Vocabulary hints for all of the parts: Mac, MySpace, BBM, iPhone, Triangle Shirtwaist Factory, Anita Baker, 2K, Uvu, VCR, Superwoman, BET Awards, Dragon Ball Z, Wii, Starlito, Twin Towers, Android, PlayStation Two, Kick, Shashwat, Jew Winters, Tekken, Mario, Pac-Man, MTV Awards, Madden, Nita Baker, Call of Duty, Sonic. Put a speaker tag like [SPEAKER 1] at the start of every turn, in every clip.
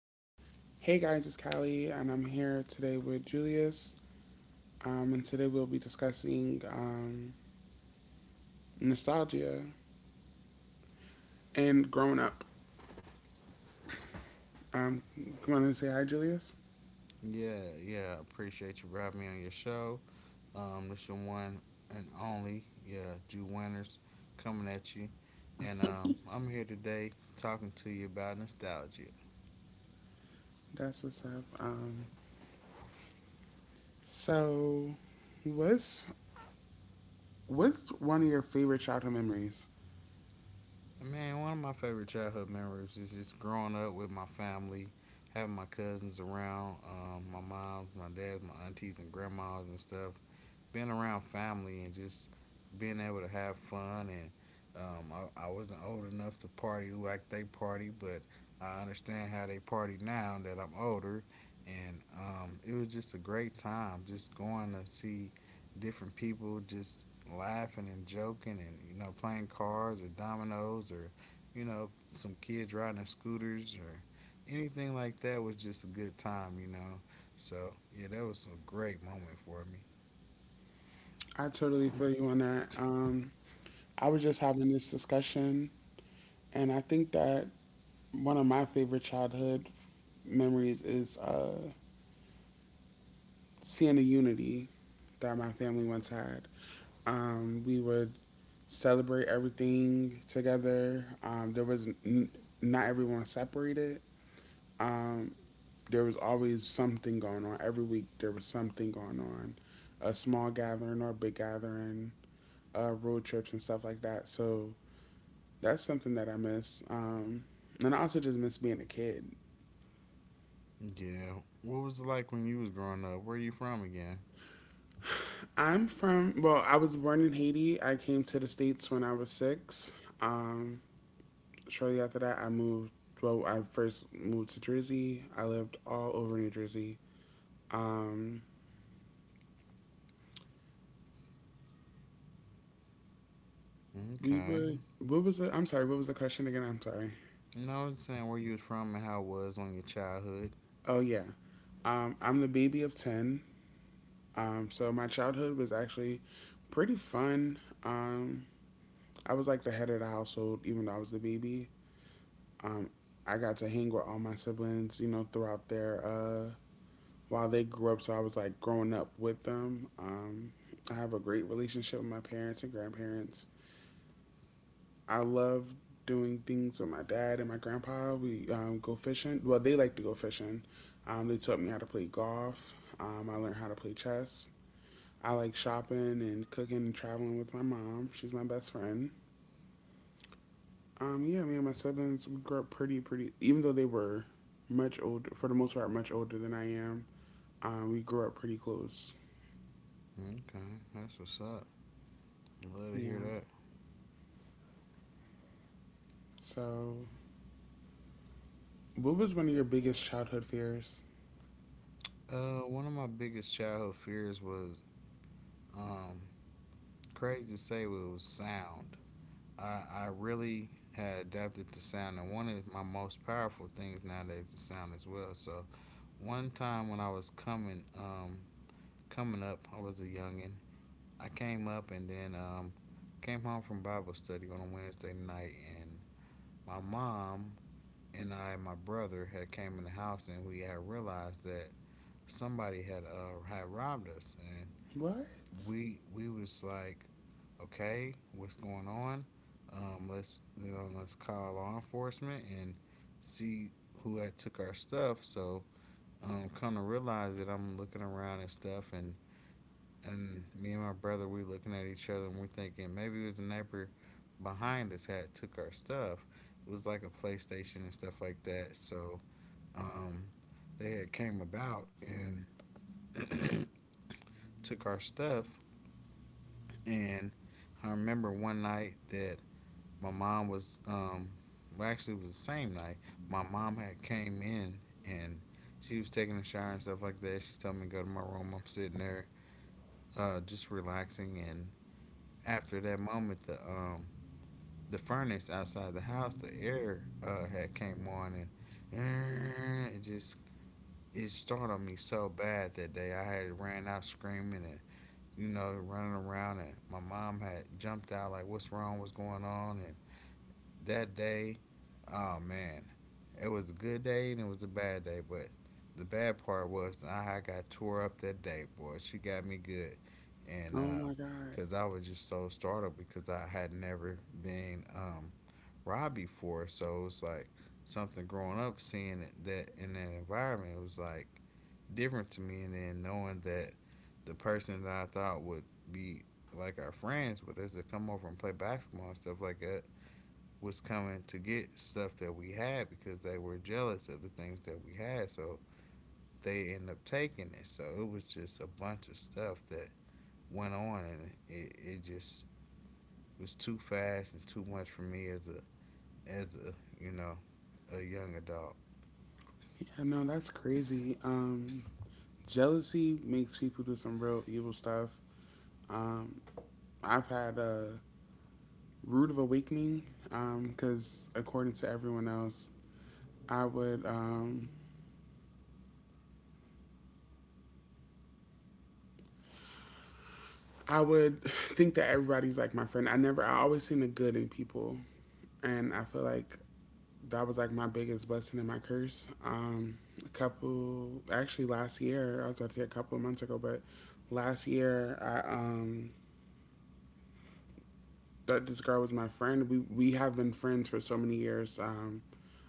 [SPEAKER 1] Like, hey guys, it's Callie, and I'm here today with Julius. And today we'll be discussing nostalgia and growing up. You want to say hi, Julius?
[SPEAKER 2] Yeah, yeah. Appreciate you for having me on your show. This your one and only, yeah, Jew Winters coming at you. And I'm here today talking to you about nostalgia.
[SPEAKER 1] That's what's up. So, what's what's one of your favorite childhood memories?
[SPEAKER 2] And man, one of my favorite childhood memories is just growing up with my family, having my cousins around, my mom, my dad, my aunties, and grandmas and stuff. Being around family and just being able to have fun and I wasn't old enough to party like they party, but I understand how they party now that I'm older. And it was just a great time, just going to see different people, just laughing and joking, and playing cards or dominoes, or some kids riding their scooters or anything like that was just a good time. So yeah, that was a great moment for me.
[SPEAKER 1] I totally feel you on that. I was just having this discussion, and I think that one of my favorite childhood memories is seeing the unity that my family once had. We would celebrate everything together. Not everyone was separated. Um, there was always something going on. Every week there was something going on, a small gathering or a big gathering, road trips and stuff like that. So that's something that I miss. And I also just miss being a kid.
[SPEAKER 2] Yeah. What was it like when you was growing up? Where you from again?
[SPEAKER 1] I'm from, well, I was born in Haiti. I came to the States when I was 6. Um, shortly after that, I moved. Well, I first moved to Jersey. I lived all over New Jersey. Um, we
[SPEAKER 2] Okay.
[SPEAKER 1] would. What was the? I'm sorry. What was the question again? I'm sorry.
[SPEAKER 2] No, it's saying where you was from and how it was on your childhood.
[SPEAKER 1] Oh yeah, I'm the baby of 10. So my childhood was actually pretty fun. Um, I was like the head of the household, even though I was the baby. Um, I got to hang with all my siblings, you know, throughout their while they grew up, so I was like growing up with them. I have a great relationship with my parents and grandparents. I love doing things with my dad and my grandpa. We go fishing. Well, they like to go fishing. They taught me how to play golf. I learned how to play chess. I like shopping and cooking and traveling with my mom. She's my best friend. Yeah, me and my siblings we grew up pretty, pretty. Even though they were much older, for the most part, much older than I am. We grew up pretty close.
[SPEAKER 2] Okay, that's what's up. Love to
[SPEAKER 1] Yeah.
[SPEAKER 2] hear that.
[SPEAKER 1] So what was one of your biggest childhood fears?
[SPEAKER 2] One of my biggest childhood fears was um crazy to say, but it was sound. I really had adapted to sound, and one of my most powerful things nowadays is sound as well. So one time when I was coming up, I was a youngin. I came up and then came home from Bible study on a Wednesday night, and my mom and I and my brother had came in the house, and we had realized that somebody had robbed us, and
[SPEAKER 1] What?
[SPEAKER 2] we was like, okay, what's going on? Let's let's call law enforcement and see who had took our stuff. So come to realize that I'm looking around and stuff, and me and my brother we looking at each other and we're thinking maybe it was the neighbor behind us had took our stuff. It was like a PlayStation and stuff like that. So um, they had came about and took our stuff. And I remember one night that my mom was well actually it was the same night my mom had came in and she was taking a shower and stuff like that. She told me to go to my room. I'm sitting there, just relaxing. And after that moment, the furnace outside the house, the air had came on, and uh, it just it startled me so bad that day. I had ran out screaming and running around, and my mom had jumped out like, "What's wrong? What's going on?" And that day, oh man, it was a good day and it was a bad day, but the bad part was that I got tore up that day, boy. She got me good, and
[SPEAKER 1] Oh my god.
[SPEAKER 2] because I was just so startled because I had never been robbed before. So it's like something growing up, seeing it, that in that environment, it was like different to me. And then knowing that the person that I thought would be like our friends with us to come over and play basketball and stuff like that was coming to get stuff that we had because they were jealous of the things that we had. So they end up taking it. So it was just a bunch of stuff that went on and it just was too fast and too much for me as a as a you know a young adult.
[SPEAKER 1] Yeah, no, that's crazy. Jealousy makes people do some real evil stuff. Um, I've had a rude of awakening because, according to everyone else, I would um, I would think that everybody's like my friend. I never, I always seen the good in people, and I feel like that was like my biggest blessing and my curse. A couple, actually, last year I was about to say a couple of months ago, but last year I thought this girl was my friend. We have been friends for so many years. Um,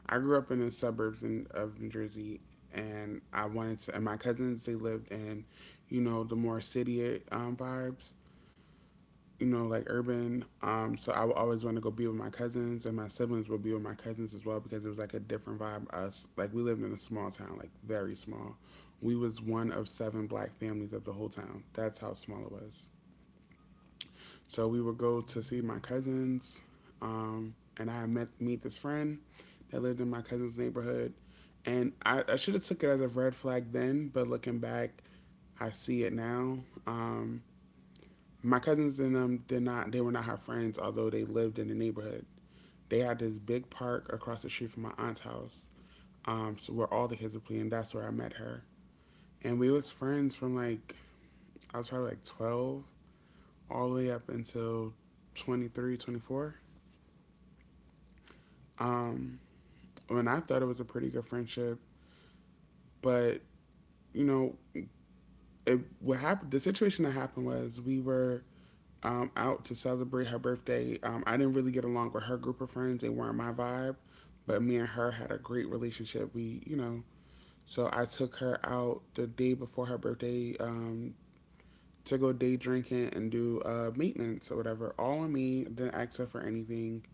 [SPEAKER 1] I grew up in the suburbs of New Jersey, and I wanted to. And my cousins they lived in, you know, the more city vibes. You know, like urban. So I would always want to go be with my cousins, and my siblings would be with my cousins as well because it was like a different vibe. Us, like we lived in a small town, like very small. We was one of seven black families of the whole town. That's how small it was. So we would go to see my cousins, and I met meet this friend that lived in my cousin's neighborhood, and I should have took it as a red flag then, but looking back, I see it now. Um, my cousins and them did not. They were not her friends, although they lived in the neighborhood. They had this big park across the street from my aunt's house, so where all the kids were playing. That's where I met her, and we was friends from like I was probably like 12 all the way up until 23, 24. Um, when I thought it was a pretty good friendship, but you know, it what happened. The situation that happened was we were out to celebrate her birthday. I didn't really get along with her group of friends; they weren't my vibe. But me and her had a great relationship. We, you know, so I took her out the day before her birthday to go day drinking and do maintenance or whatever. All on me. Didn't ask her for anything.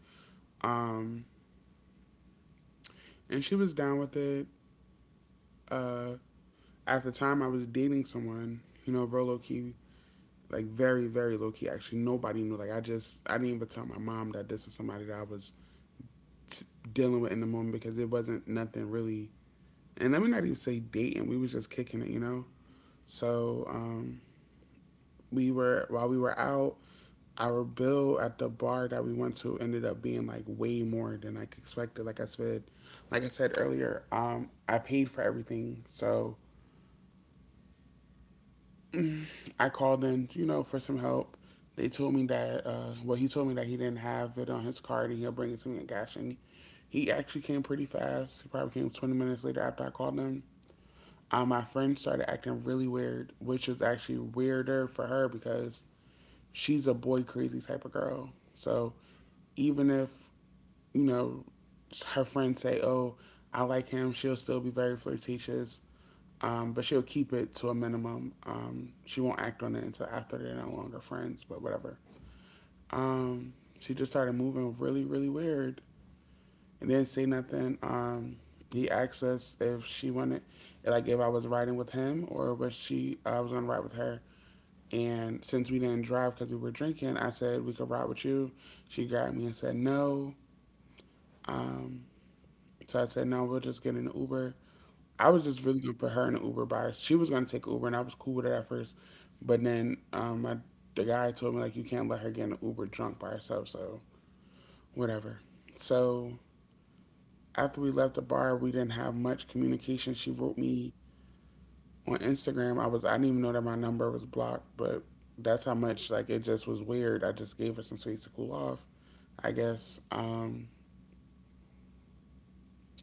[SPEAKER 1] Um, and she was down with it. Uh, at the time, I was dating someone. You know, real low key, like very, very low key. Actually, nobody knew. Like I didn't even tell my mom that this was somebody that I was dealing with in the moment because it wasn't nothing really. And let me not even say dating. We was just kicking it, you know. So we were while we were out, our bill at the bar that we went to ended up being like way more than I expected. Like I said earlier, I paid for everything. So I called in, you know, for some help. They told me that, well, he told me that he didn't have it on his card and he'll bring it to me in cash. And he actually came pretty fast. He probably came 20 minutes later after I called him. My friend started acting really weird, which was actually weirder for her because she's a boy crazy type of girl. So even if, you know, her friends say, oh, I like him, she'll still be very flirtatious. But she'll keep it to a minimum. She won't act on it until after they're no longer friends, but whatever. Um, she just started moving really, really weird. It didn't say nothing. He asked us if she wanted, like, if I was riding with him or I was gonna ride with her. And since we didn't drive because we were drinking, I said we could ride with you. She grabbed me and said no. Um, so I said no, we'll just get in an Uber. I was just really gonna put her in an Uber by her. She was gonna take Uber, and I was cool with it at first. But then the guy told me like you can't let her get in an Uber drunk by herself. So whatever. So after we left the bar, we didn't have much communication. She wrote me on Instagram. I didn't even know that my number was blocked, but that's how much like it just was weird. I just gave her some space to cool off, I guess. Um,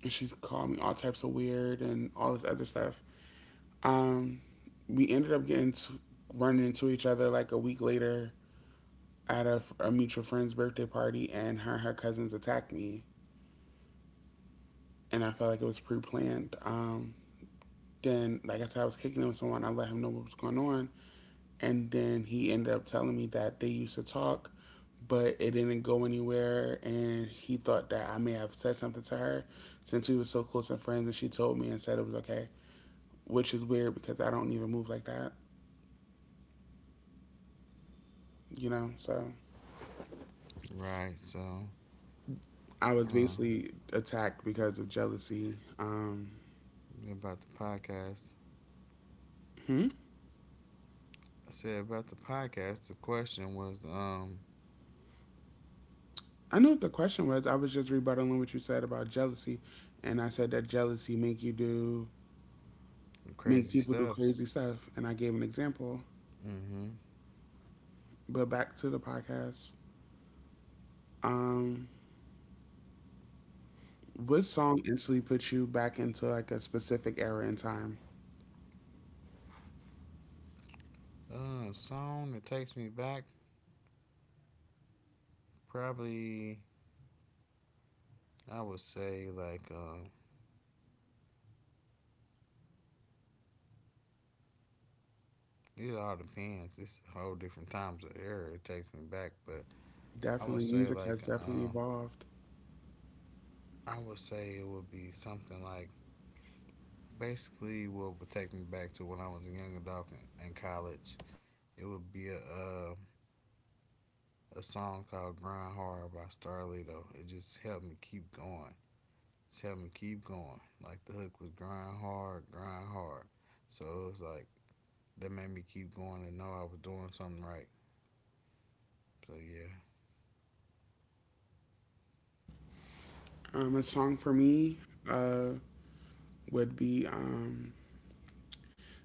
[SPEAKER 1] and she called me all types of weird and all this other stuff. Um, we ended up running into each other like a week later at a mutual friend's birthday party, and her cousins attacked me, and I felt like it was pre planned. Then, like I said, I was kicking it with someone. I let him know what was going on. And then he ended up telling me that they used to talk, but it didn't go anywhere. And he thought that I may have said something to her since we were so close and friends. And she told me and said it was okay, which is weird because I don't even move like that, you know? So
[SPEAKER 2] Right. So
[SPEAKER 1] I was
[SPEAKER 2] um,
[SPEAKER 1] basically attacked because of jealousy.
[SPEAKER 2] about the podcast,
[SPEAKER 1] Hmm?
[SPEAKER 2] I said about the podcast. The question was
[SPEAKER 1] I knew what the question was. I was just rebuttaling what you said about jealousy. And I said that jealousy make
[SPEAKER 2] crazy
[SPEAKER 1] people do
[SPEAKER 2] stuff.
[SPEAKER 1] crazy stuff. And I gave an example.
[SPEAKER 2] Mm-hmm.
[SPEAKER 1] But back to the podcast. Um, what song instantly put you back into like a specific era in time?
[SPEAKER 2] Song that takes me back, probably I would say like it all depends. It's a whole different times of era. It takes me back, but I would
[SPEAKER 1] Definitely,
[SPEAKER 2] say
[SPEAKER 1] music
[SPEAKER 2] like
[SPEAKER 1] has definitely evolved.
[SPEAKER 2] I would say it would be something like basically what would take me back to when I was a young adult in college. It would be a song called "Grind Hard" by Starlito. It just helped me keep going. Just helped me keep going. Like the hook was "Grind Hard, Grind Hard," so it was like that made me keep going and know I was doing something right. So yeah,
[SPEAKER 1] A song for me, uh, would be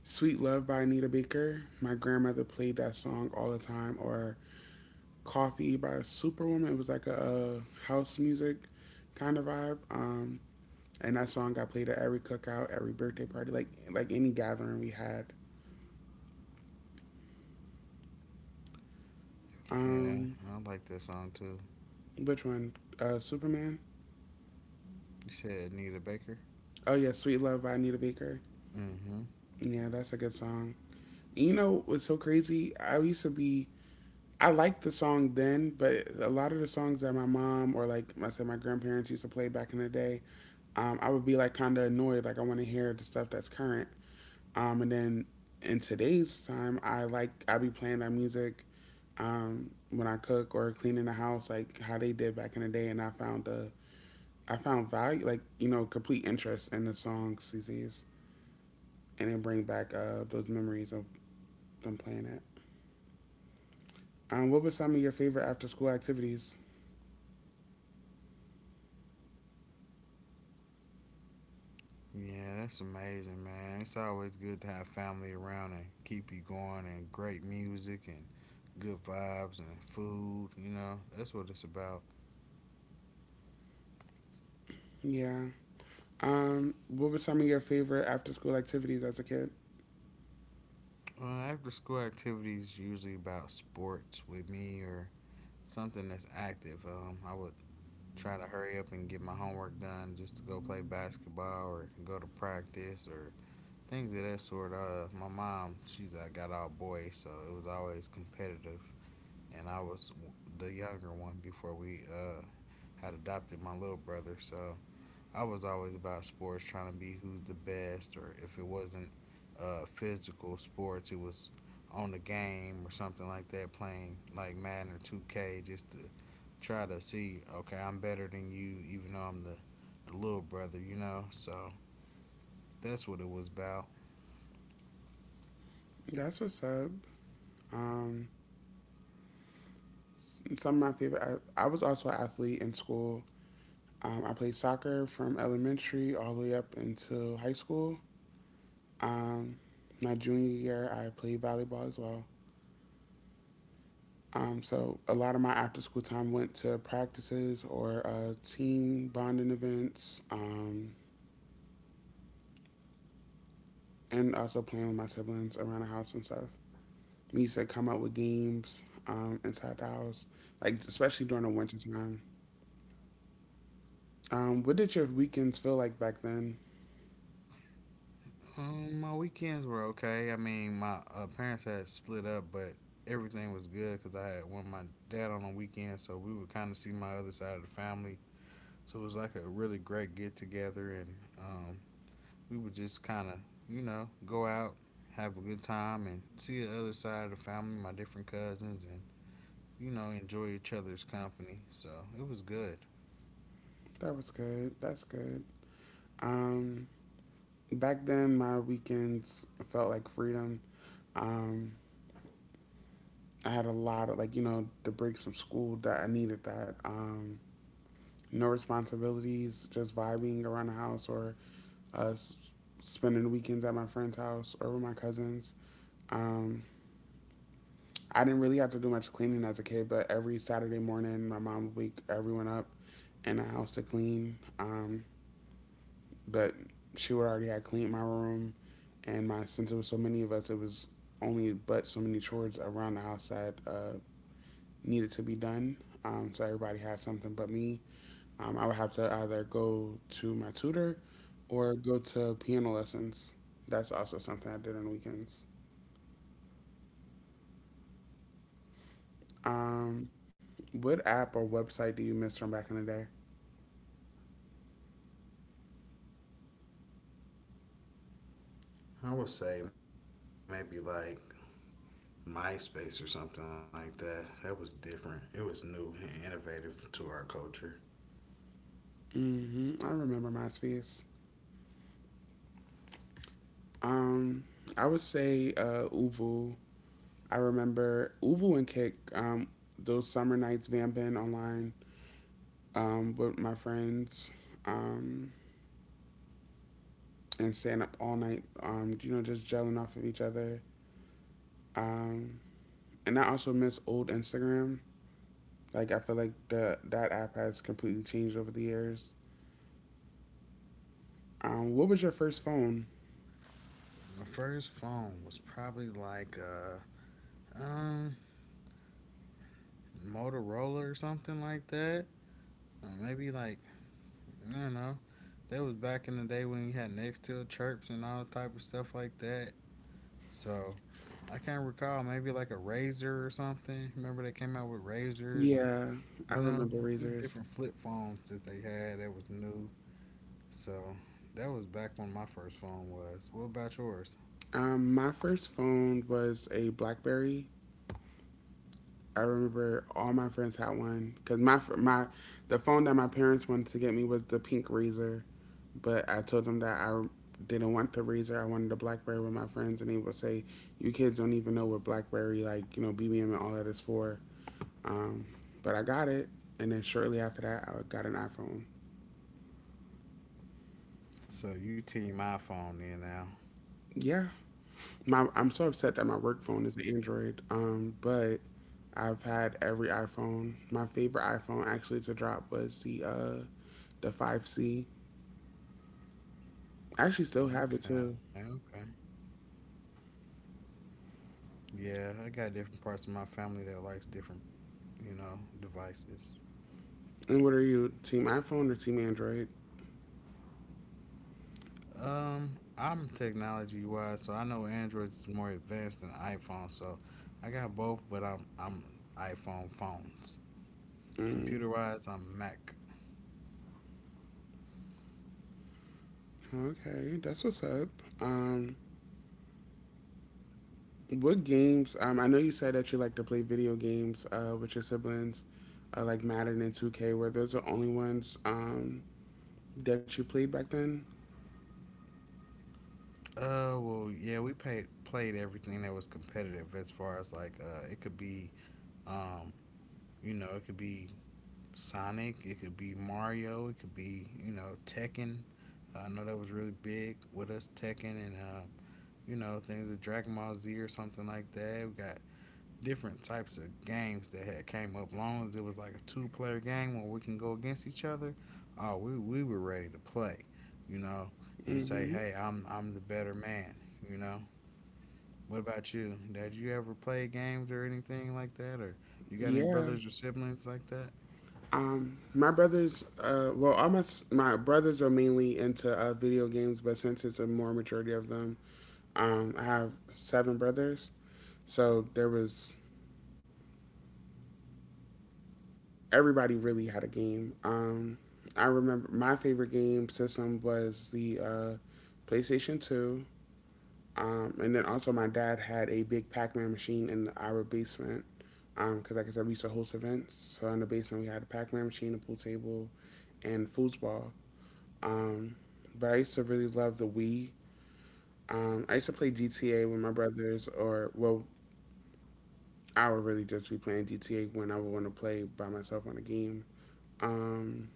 [SPEAKER 1] "Sweet Love" by Anita Baker. My grandmother played that song all the time. Or "Coffee" by Superwoman. It was like a house music kind of vibe. And that song got played at every cookout, every birthday party, like any gathering we had.
[SPEAKER 2] yeah,
[SPEAKER 1] Um,
[SPEAKER 2] I like that song too.
[SPEAKER 1] which one? Superman.
[SPEAKER 2] You said Nita Baker.
[SPEAKER 1] Oh yeah, "Sweet Love" by Anita Baker.
[SPEAKER 2] Mm-hmm.
[SPEAKER 1] Yeah, that's a good song. You know what's so crazy? I used to be. I liked the song then, but a lot of the songs that my mom or like I said, my grandparents used to play back in the day, I would be like kind of annoyed. Like I want to hear the stuff that's current. And then in today's time, I be playing that music when I cook or cleaning the house, like how they did back in the day. And I found value, like you know, complete interest in the songs these days. And then bring back those memories of them playing it. What were some of your favorite after school activities?
[SPEAKER 2] Yeah, that's amazing, man. It's always good to have family around and keep you going and great music and good vibes and food. That's what it's about.
[SPEAKER 1] Yeah. What were some of your favorite after school activities as a kid?
[SPEAKER 2] After school activities usually about sports with me or something that's active. I would try to hurry up and get my homework done just to go play basketball or go to practice or things of that sort. My mom, she's I got all boys, so it was always competitive, and I was the younger one before we had adopted my little brother. So I was always about sports, trying to be who's the best, or if it wasn't physical sports, it was on the game or something like that, playing like Madden or 2K, just to try to see, okay, I'm better than you, even though I'm the little brother, you know? So that's what it was about.
[SPEAKER 1] That's what's up. Um, some of my favorite. I was also an athlete in school. I played soccer from elementary all the way up into high school. Um, my junior year, I played volleyball as well. So a lot of my after school time went to practices or team bonding events, and also playing with my siblings around the house and stuff. We used to come up with games inside the house, like especially during the winter time. What did your weekends feel like back then?
[SPEAKER 2] My weekends were okay. I mean, my parents had split up, but everything was good because I had one my dad on the weekend, so we would kind of see my other side of the family. So it was like a really great get together, and we would just kind of, you know, go out, have a good time, and see the other side of the family, my different cousins, and, you know, enjoy each other's company. So it was good.
[SPEAKER 1] That was good. That's good. Um, back then, my weekends felt like freedom. Um, I had a lot of like you know the breaks from school that I needed that. No responsibilities, just vibing around the house or us spending the weekends at my friend's house or with my cousins. Um, I didn't really have to do much cleaning as a kid, but every Saturday morning, my mom would wake everyone up in the house to clean. But she would already had cleaned my room, and my since it was so many of us, it was only but so many chores around the house that needed to be done. So everybody had something but me. I would have to either go to my tutor or go to piano lessons. That's also something I did on the weekends. Um, what app or website do you miss from back in the day?
[SPEAKER 2] I would say maybe like MySpace or something like that. That was different. It was new and innovative to our culture.
[SPEAKER 1] Hmm, I remember MySpace. Um, I would say Uvu. I remember Uvu and Kick. Those summer nights vamping online with my friends, um, and staying up all night. You know, just gelling off of each other. Um, and I also miss old Instagram. Like I feel like the that app has completely changed over the years. What was your first phone?
[SPEAKER 2] My first phone was probably like a um, Motorola or something like that. Or maybe like I don't know. That was back in the day when you had next to a chirps and all type of stuff like that. So I can't recall maybe like a razor or something. Remember they came out with razors and
[SPEAKER 1] Yeah, I
[SPEAKER 2] you know
[SPEAKER 1] remember
[SPEAKER 2] it
[SPEAKER 1] Razors.
[SPEAKER 2] different flip phones that they had that was new. So that was back when my first phone was. What about yours?
[SPEAKER 1] My first phone was a BlackBerry. I remember all my friends had one because my the phone that my parents wanted to get me was the pink Razor, but I told them that I didn't want the Razor. I wanted a BlackBerry with my friends, and they would say, "You kids don't even know what BlackBerry like you know BBM and all that is for." Um, but I got it, and then shortly after that, I got an iPhone.
[SPEAKER 2] So you team my phone in now.
[SPEAKER 1] Yeah, my I'm so upset that my work phone is the Android. But I've had every iPhone. My favorite iPhone actually to drop was the 5C. I actually still have it
[SPEAKER 2] Okay,
[SPEAKER 1] too.
[SPEAKER 2] okay. Yeah, I got different parts of my family that likes different, you know, devices.
[SPEAKER 1] And what are you, team iPhone or team Android?
[SPEAKER 2] I'm technology wise, so I know Android is more advanced than iPhone. So I got both, but I'm iPhone phones.
[SPEAKER 1] Mm,
[SPEAKER 2] Computer wise, I'm Mac.
[SPEAKER 1] okay, that's what's up. Um, what games? I know you said that you like to play video games with your siblings, like Madden and 2K. Were those the only ones that you played back then?
[SPEAKER 2] Well, yeah, we paid, played everything that was competitive as far as like it could be um, you know, it could be Sonic, it could be Mario, it could be you know Tekken. I know that was really big with us Tekken and you know things like Dragon Ball Z or something like that. We got different types of games that had came up. Long as it was like a two player game where we can go against each other, we were ready to play, you know, and say,
[SPEAKER 1] Hmm.
[SPEAKER 2] hey, I'm the better man, you know. What about you? Did you ever play games or anything like that, or you got any
[SPEAKER 1] Yeah.
[SPEAKER 2] brothers or siblings like that?
[SPEAKER 1] My brothers, well, my brothers are mainly into video games, but since it's a more majority of them, I have seven brothers. So there was everybody really had a game. I remember my favorite game system was the PlayStation Two, and then also my dad had a big Pac-Man machine in our basement. Because like I said, we used to host events, so in the basement we had a Pac-Man machine, a pool table, and foosball. Um, but I used to really love the Wii. I used to play GTA with my brothers, or well, I would really just be playing GTA when I would want to play by myself on a game. Um,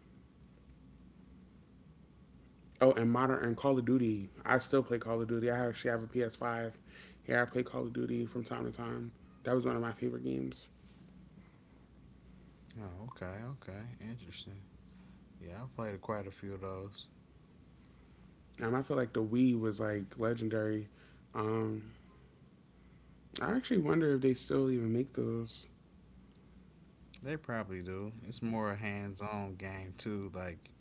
[SPEAKER 1] Oh, and modern and Call of Duty. I still play Call of Duty. I actually have a PS5. Here I play Call of Duty from time to time. That was one of my favorite games.
[SPEAKER 2] Oh, okay, okay, interesting. Yeah, I played quite a few of those.
[SPEAKER 1] I feel like the Wii was like legendary. Um, I actually wonder if they still even make those.
[SPEAKER 2] They probably do. It's more a hands-on game too. Like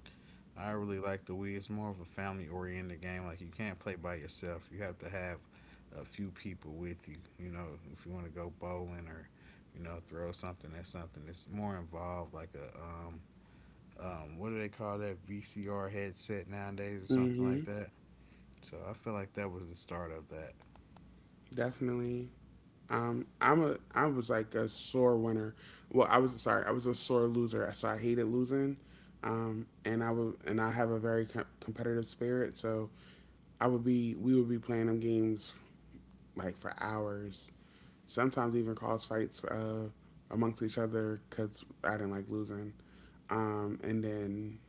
[SPEAKER 2] I really like the Wii. It's more of a family oriented game. Like you can't play by yourself. You have to have a few people with you. You know, if you want to go bowling or you know throw something at something, it's more involved. Like a What do they call that VCR headset nowadays or something like
[SPEAKER 1] Hmm.
[SPEAKER 2] that. So I feel like that was the start of that.
[SPEAKER 1] Definitely. I was like a sore winner. Well, I was sorry, I was a sore loser. So I hated losing. And I have a very competitive spirit. So I would be we would be playing them games like for hours. Sometimes even cause fights amongst each other because I didn't like losing. And then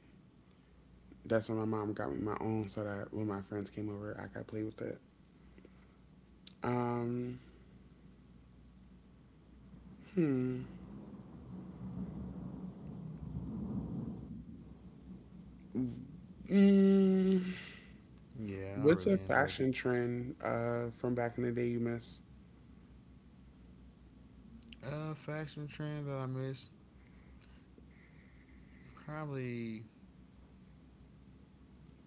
[SPEAKER 1] that's when my mom got me my own so that when my friends came over, I could play with it. Um. Hmm. Mm,
[SPEAKER 2] Yeah, I
[SPEAKER 1] what's
[SPEAKER 2] really
[SPEAKER 1] a
[SPEAKER 2] enjoyed it.
[SPEAKER 1] fashion trend from back in the day you miss?
[SPEAKER 2] Fashion trend that I missed probably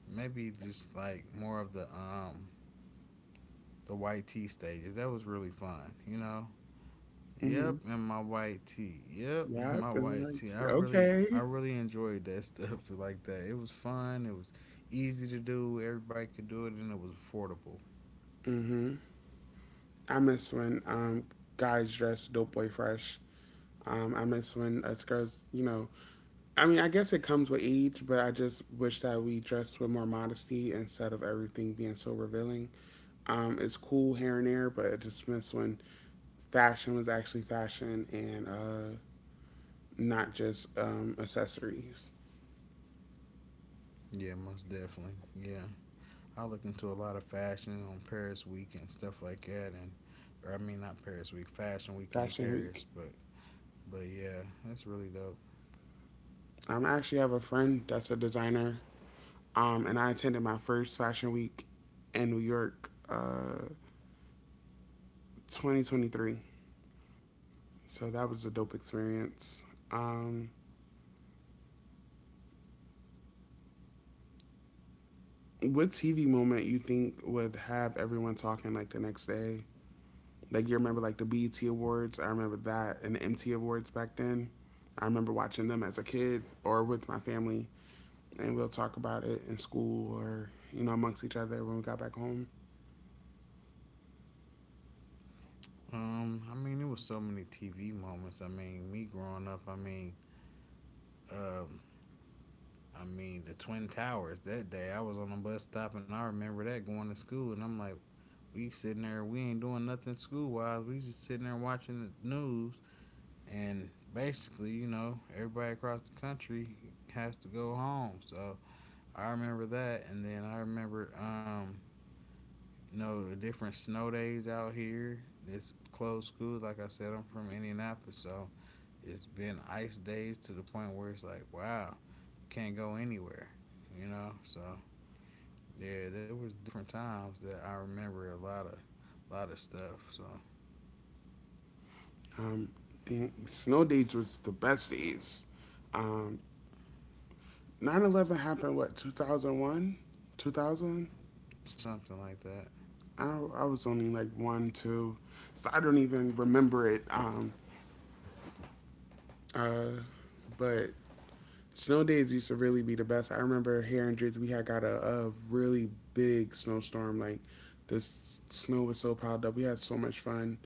[SPEAKER 2] maybe just like more of the white tee stages. That was really fun. You know,
[SPEAKER 1] Mm-hmm.
[SPEAKER 2] yep, and my white tea. Yep, and my
[SPEAKER 1] Yep. And
[SPEAKER 2] white tea.
[SPEAKER 1] like,
[SPEAKER 2] I
[SPEAKER 1] okay.
[SPEAKER 2] really enjoyed that stuff like that. It was fun. It was easy to do. Everybody could do it, and it was affordable.
[SPEAKER 1] Mm-hmm. I miss when guys dress dope boy fresh. I miss when us girls, you know, I mean, I guess it comes with age, but I just wish that we dressed with more modesty instead of everything being so revealing. It's cool here and there, but I just miss when fashion was actually fashion and not just accessories.
[SPEAKER 2] Yeah, most definitely. Yeah, I looked into a lot of fashion on Paris Week and stuff like that, and or I mean not Paris Week, Fashion Week in
[SPEAKER 1] Fashion
[SPEAKER 2] Paris,
[SPEAKER 1] Week.
[SPEAKER 2] but yeah, that's really dope.
[SPEAKER 1] I actually have a friend that's a designer, and I attended my first Fashion Week in New York, 2023. So that was a dope experience. Um, What TV moment you think would have everyone talking like the next day? Like you remember like the BET Awards? I remember that and the MT Awards back then. I remember watching them as a kid or with my family, and we'll talk about it in school or you know amongst each other when we got back home.
[SPEAKER 2] I mean, it was so many TV moments. I mean, me growing up, I mean, um, I mean, the Twin Towers that day, I was on a bus stop and I remember that going to school. And I'm like, we sitting there, we ain't doing nothing school wise. We just sitting there watching the news. And basically, you know, everybody across the country has to go home. So I remember that. And then I remember, you know, the different snow days out here. This closed school. Like I said, I'm from Indianapolis. So it's been ice days to the point where it's like, wow, can't go anywhere, you know? So yeah, there was different times that I remember a lot of stuff. So
[SPEAKER 1] Um, the snow days was the best days. Um, 9/11 happened what 2001, 2000.
[SPEAKER 2] something like that.
[SPEAKER 1] I I was only like one two, so I don't even remember it. But snow days used to really be the best. I remember here in Jersey we had got a really big snowstorm. Like snow was so piled up. We had so much fun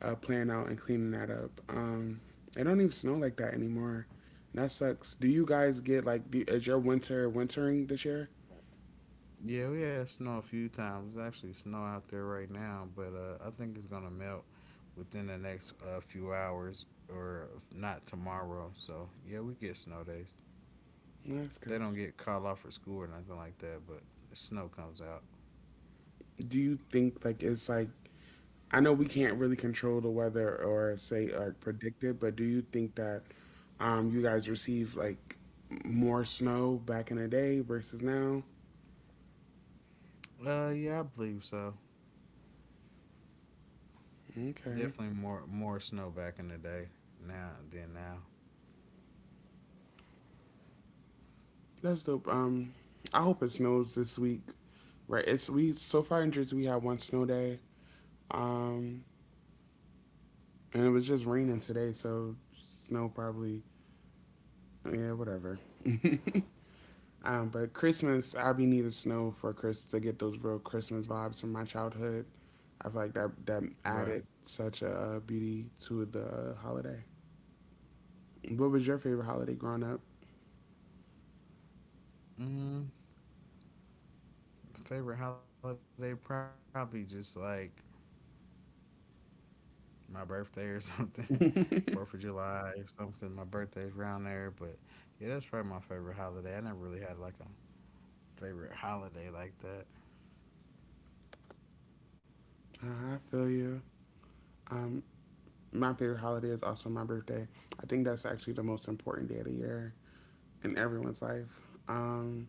[SPEAKER 1] playing out and cleaning that up. It don't even snow like that anymore. And that sucks. Do you guys get like is your winter wintering this year?
[SPEAKER 2] Yeah, we had snow a few times. There's actually snow out there right now, but I think it's gonna melt within the next few hours, or if not tomorrow. So yeah, we get snow days.
[SPEAKER 1] No, that's
[SPEAKER 2] They
[SPEAKER 1] good.
[SPEAKER 2] don't get called off for school or nothing like that, but the snow comes out.
[SPEAKER 1] Do you think like it's like I know we can't really control the weather or say or predict it, but do you think that you guys receive like more snow back in the day versus now?
[SPEAKER 2] Yeah, I believe so.
[SPEAKER 1] Okay,
[SPEAKER 2] Definitely more snow back in the day now than now.
[SPEAKER 1] that's dope. I hope it snows this week. Right, it's we so far in Jersey we had one snow day. Um, and it was just raining today, so snow probably. Yeah, whatever. But Christmas, I be needing snow for Chris to get those real Christmas vibes from my childhood. I feel like that
[SPEAKER 2] Right.
[SPEAKER 1] added such a beauty to the holiday. What was your favorite holiday growing up?
[SPEAKER 2] Hmm, favorite holiday probably just like my birthday or something, Fourth of July or something. My birthday's around there, but yeah, that's probably my favorite holiday. I never really had like a favorite holiday like that.
[SPEAKER 1] I feel you. Um, my favorite holiday is also my birthday. I think that's actually the most important day of the year in everyone's life. Um,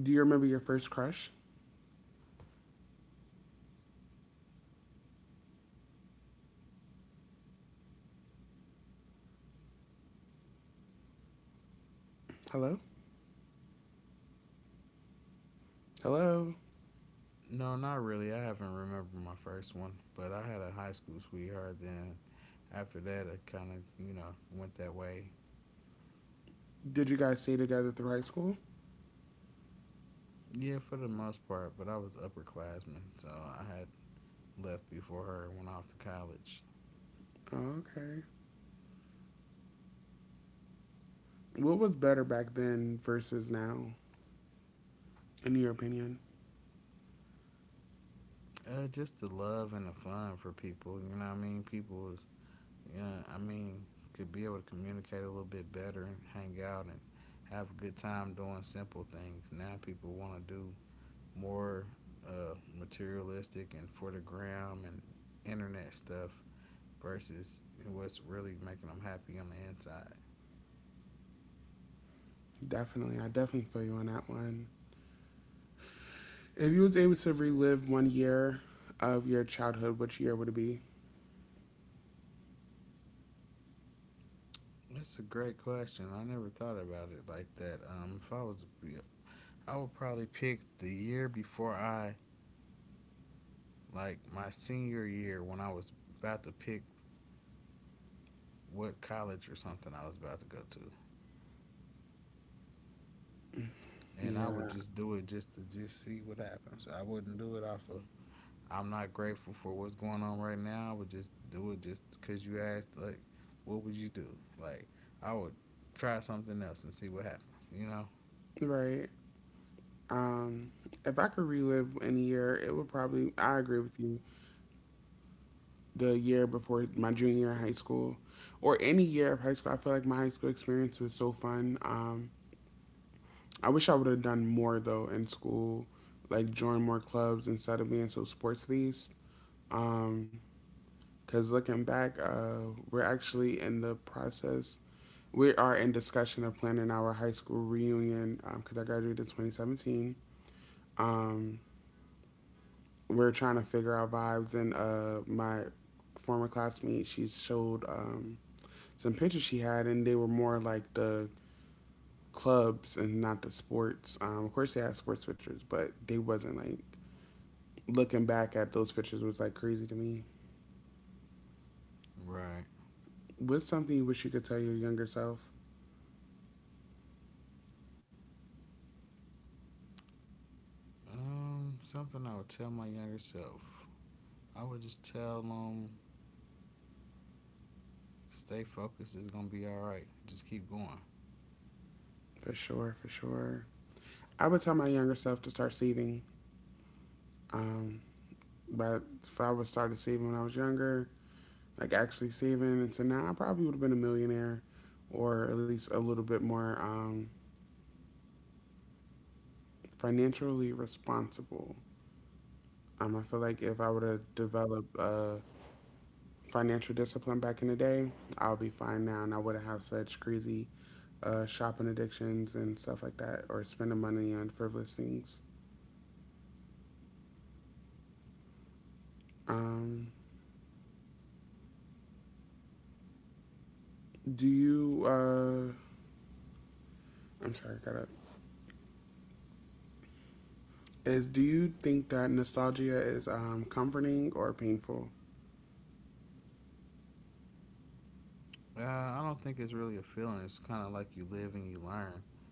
[SPEAKER 1] do you remember your first crush? Hello? Hello?
[SPEAKER 2] No, not really. I haven't remembered my first one, but I had a high school sweetheart. Then after that, it kind of, you know, went that way.
[SPEAKER 1] Did you guys stay together through high school?
[SPEAKER 2] Yeah, for the most part, but I was upperclassman, so I had left before her and went off to college.
[SPEAKER 1] Oh, okay. What was better back then versus now, in your opinion?
[SPEAKER 2] Just the love and the fun for people. You know what I mean? People, yeah, I mean, could be able to communicate a little bit better and hang out and have a good time doing simple things. Now people want to do more, materialistic and for the gram and internet stuff versus what's really making them happy on the inside.
[SPEAKER 1] Definitely, I definitely feel you on that one. If you was able to relive one year of your childhood, which year would it be?
[SPEAKER 2] That's a great question. I never thought about it like that. If I was, I would probably pick the year before I, like my senior year, when I was about to pick what college or something I was about to go to. And I would
[SPEAKER 1] Yeah,
[SPEAKER 2] just do it just to just see what happens. I wouldn't do it off of, I'm not grateful for what's going on right now. I would just do it just because you asked, like, what would you do? Like, I would try something else and see what happens. You know?
[SPEAKER 1] right. Um, if I could relive any year, it would probably, I agree with you, the year before my junior year in high school or any year of high school. I feel like my high school experience was so fun. I wish I would have done more though in school, like join more clubs instead of being so sports based. Because looking back, we're actually in the process. We are in discussion of planning our high school reunion because I graduated in 2017. Um, we're trying to figure out vibes, and my former classmate, she showed some pictures she had, and they were more like the clubs and not the sports. Of course, they had sports pictures, but they wasn't like looking back at those pictures was like crazy to me.
[SPEAKER 2] Right.
[SPEAKER 1] What's something you wish you could tell your younger self?
[SPEAKER 2] Something I would tell my younger self. I would just tell them, stay focused. It's gonna be all right. Just keep going.
[SPEAKER 1] For sure, for sure. I would tell my younger self to start saving. Um, but if I would start saving when I was younger, like actually saving, and so now I probably would have been a millionaire, or at least a little bit more financially responsible. I feel like if I would have developed a financial discipline back in the day, I'll be fine now, and I wouldn't have such crazy shopping addictions and stuff like that, or spending money on frivolous things. Um, do you? I'm sorry, I gotta is do you think that nostalgia is comforting or painful?
[SPEAKER 2] I don't think it's really a feeling. It's kind of like you live and you learn.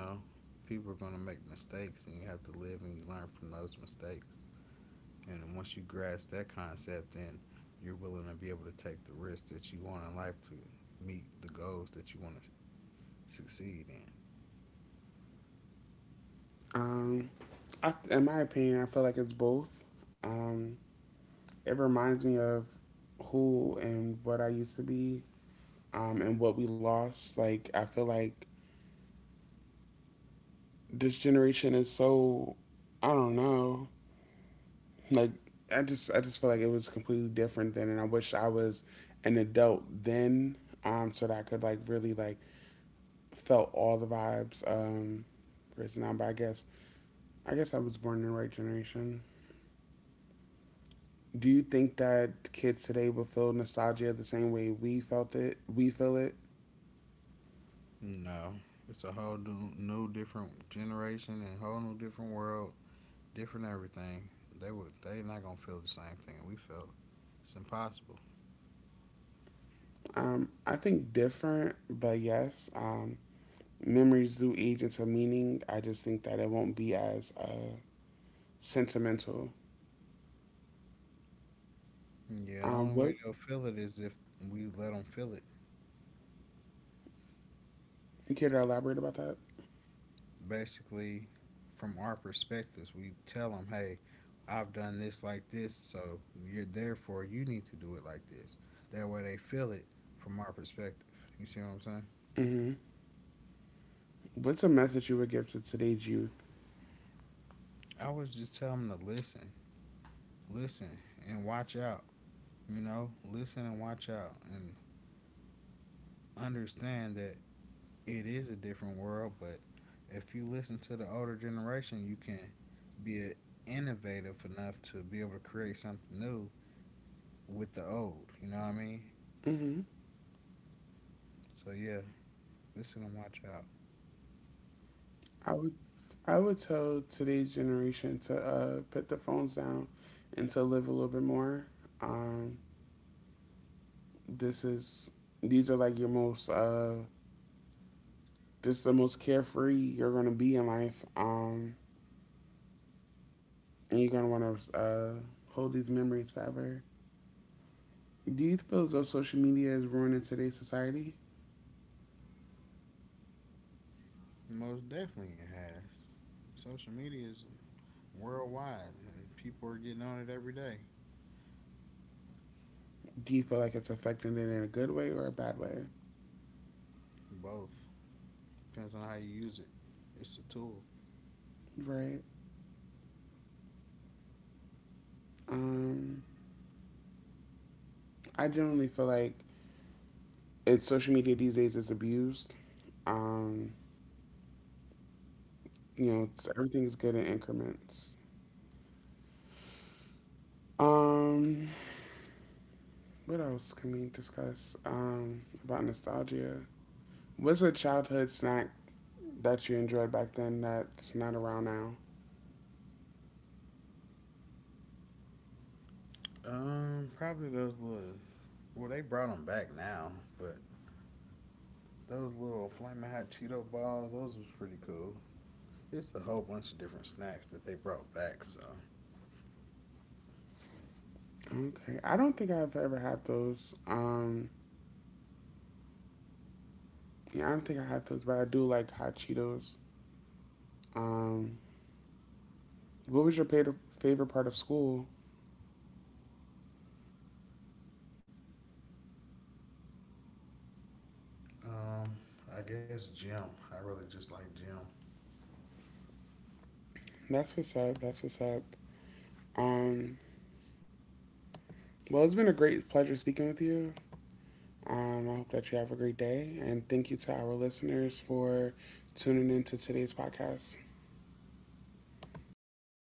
[SPEAKER 2] You know, people are going to make mistakes and you have to live and you learn from those mistakes. And once you grasp that concept, then you're willing to be able to take the risks that you want in life to meet the goals that you want to succeed in.
[SPEAKER 1] Um, I, in my opinion, I feel like it's both. Um, it reminds me of who and what I used to be, and what we lost. Like, I feel like this generation is so, I don't know. Like, I just feel like it was completely different then, and I wish I was an adult then, so that I could like really like felt all the vibes. Whereas now, but I guess I was born in the right generation. Do you think that kids today will feel nostalgia the same way we felt it? We feel it.
[SPEAKER 2] You know, it's a whole new different generation and whole new different world, different everything. They were, they not gonna feel the same thing we felt. It's impossible.
[SPEAKER 1] I think different, but yes, memories do age into meaning. I just think that it won't be as sentimental.
[SPEAKER 2] Yeah, the only way
[SPEAKER 1] What,
[SPEAKER 2] they'll feel it is if we let them feel it.
[SPEAKER 1] you care to elaborate about that?
[SPEAKER 2] Basically, from our perspectives, we tell them, hey, I've done this like this, so you're, therefore, you need to do it like this. That way they feel it, from our perspective. You see what I'm saying?
[SPEAKER 1] Hmm. What's a message you would give to today's youth?
[SPEAKER 2] I was just telling them to listen. Listen and watch out. You know, listen and watch out, and understand that it is a different world, but if you listen to the older generation, you can be innovative enough to be able to create something new with the old. You know what I mean?
[SPEAKER 1] Hmm.
[SPEAKER 2] So yeah, listen and watch out.
[SPEAKER 1] I would, I would tell today's generation to put the phones down and to live a little bit more. Um, this is These are like your most this is the most carefree you're gonna be in life. And you're gonna wanna hold these memories forever. Do you feel as though social media is ruining today's society?
[SPEAKER 2] Most definitely it has. Social media is worldwide, and people are getting on it every day.
[SPEAKER 1] Do you feel like it's affecting it in a good way or a bad way?
[SPEAKER 2] Both. Depends on how you use it. It's a tool.
[SPEAKER 1] Right. Um, I generally feel like it's social media these days is abused. Um, you know, it's, everything's good in increments. Um, what else can we discuss about nostalgia? What's a childhood snack that you enjoyed back then that's not around now?
[SPEAKER 2] Probably those little, well, they brought them back now, but those little flaming hot Cheeto balls, those was pretty cool. It's a whole bunch of different snacks that they brought back. So,
[SPEAKER 1] Okay, I don't think I've ever had those. Yeah, I don't think I had those, but I do like hot Cheetos. Um, what was your pa- favorite part of school?
[SPEAKER 2] um, I guess gym. I really just like gym.
[SPEAKER 1] That's what's up. That's what's up. Um, well, it's been a great pleasure speaking with you. I hope that you have a great day, and thank you to our listeners for tuning in to today's podcast.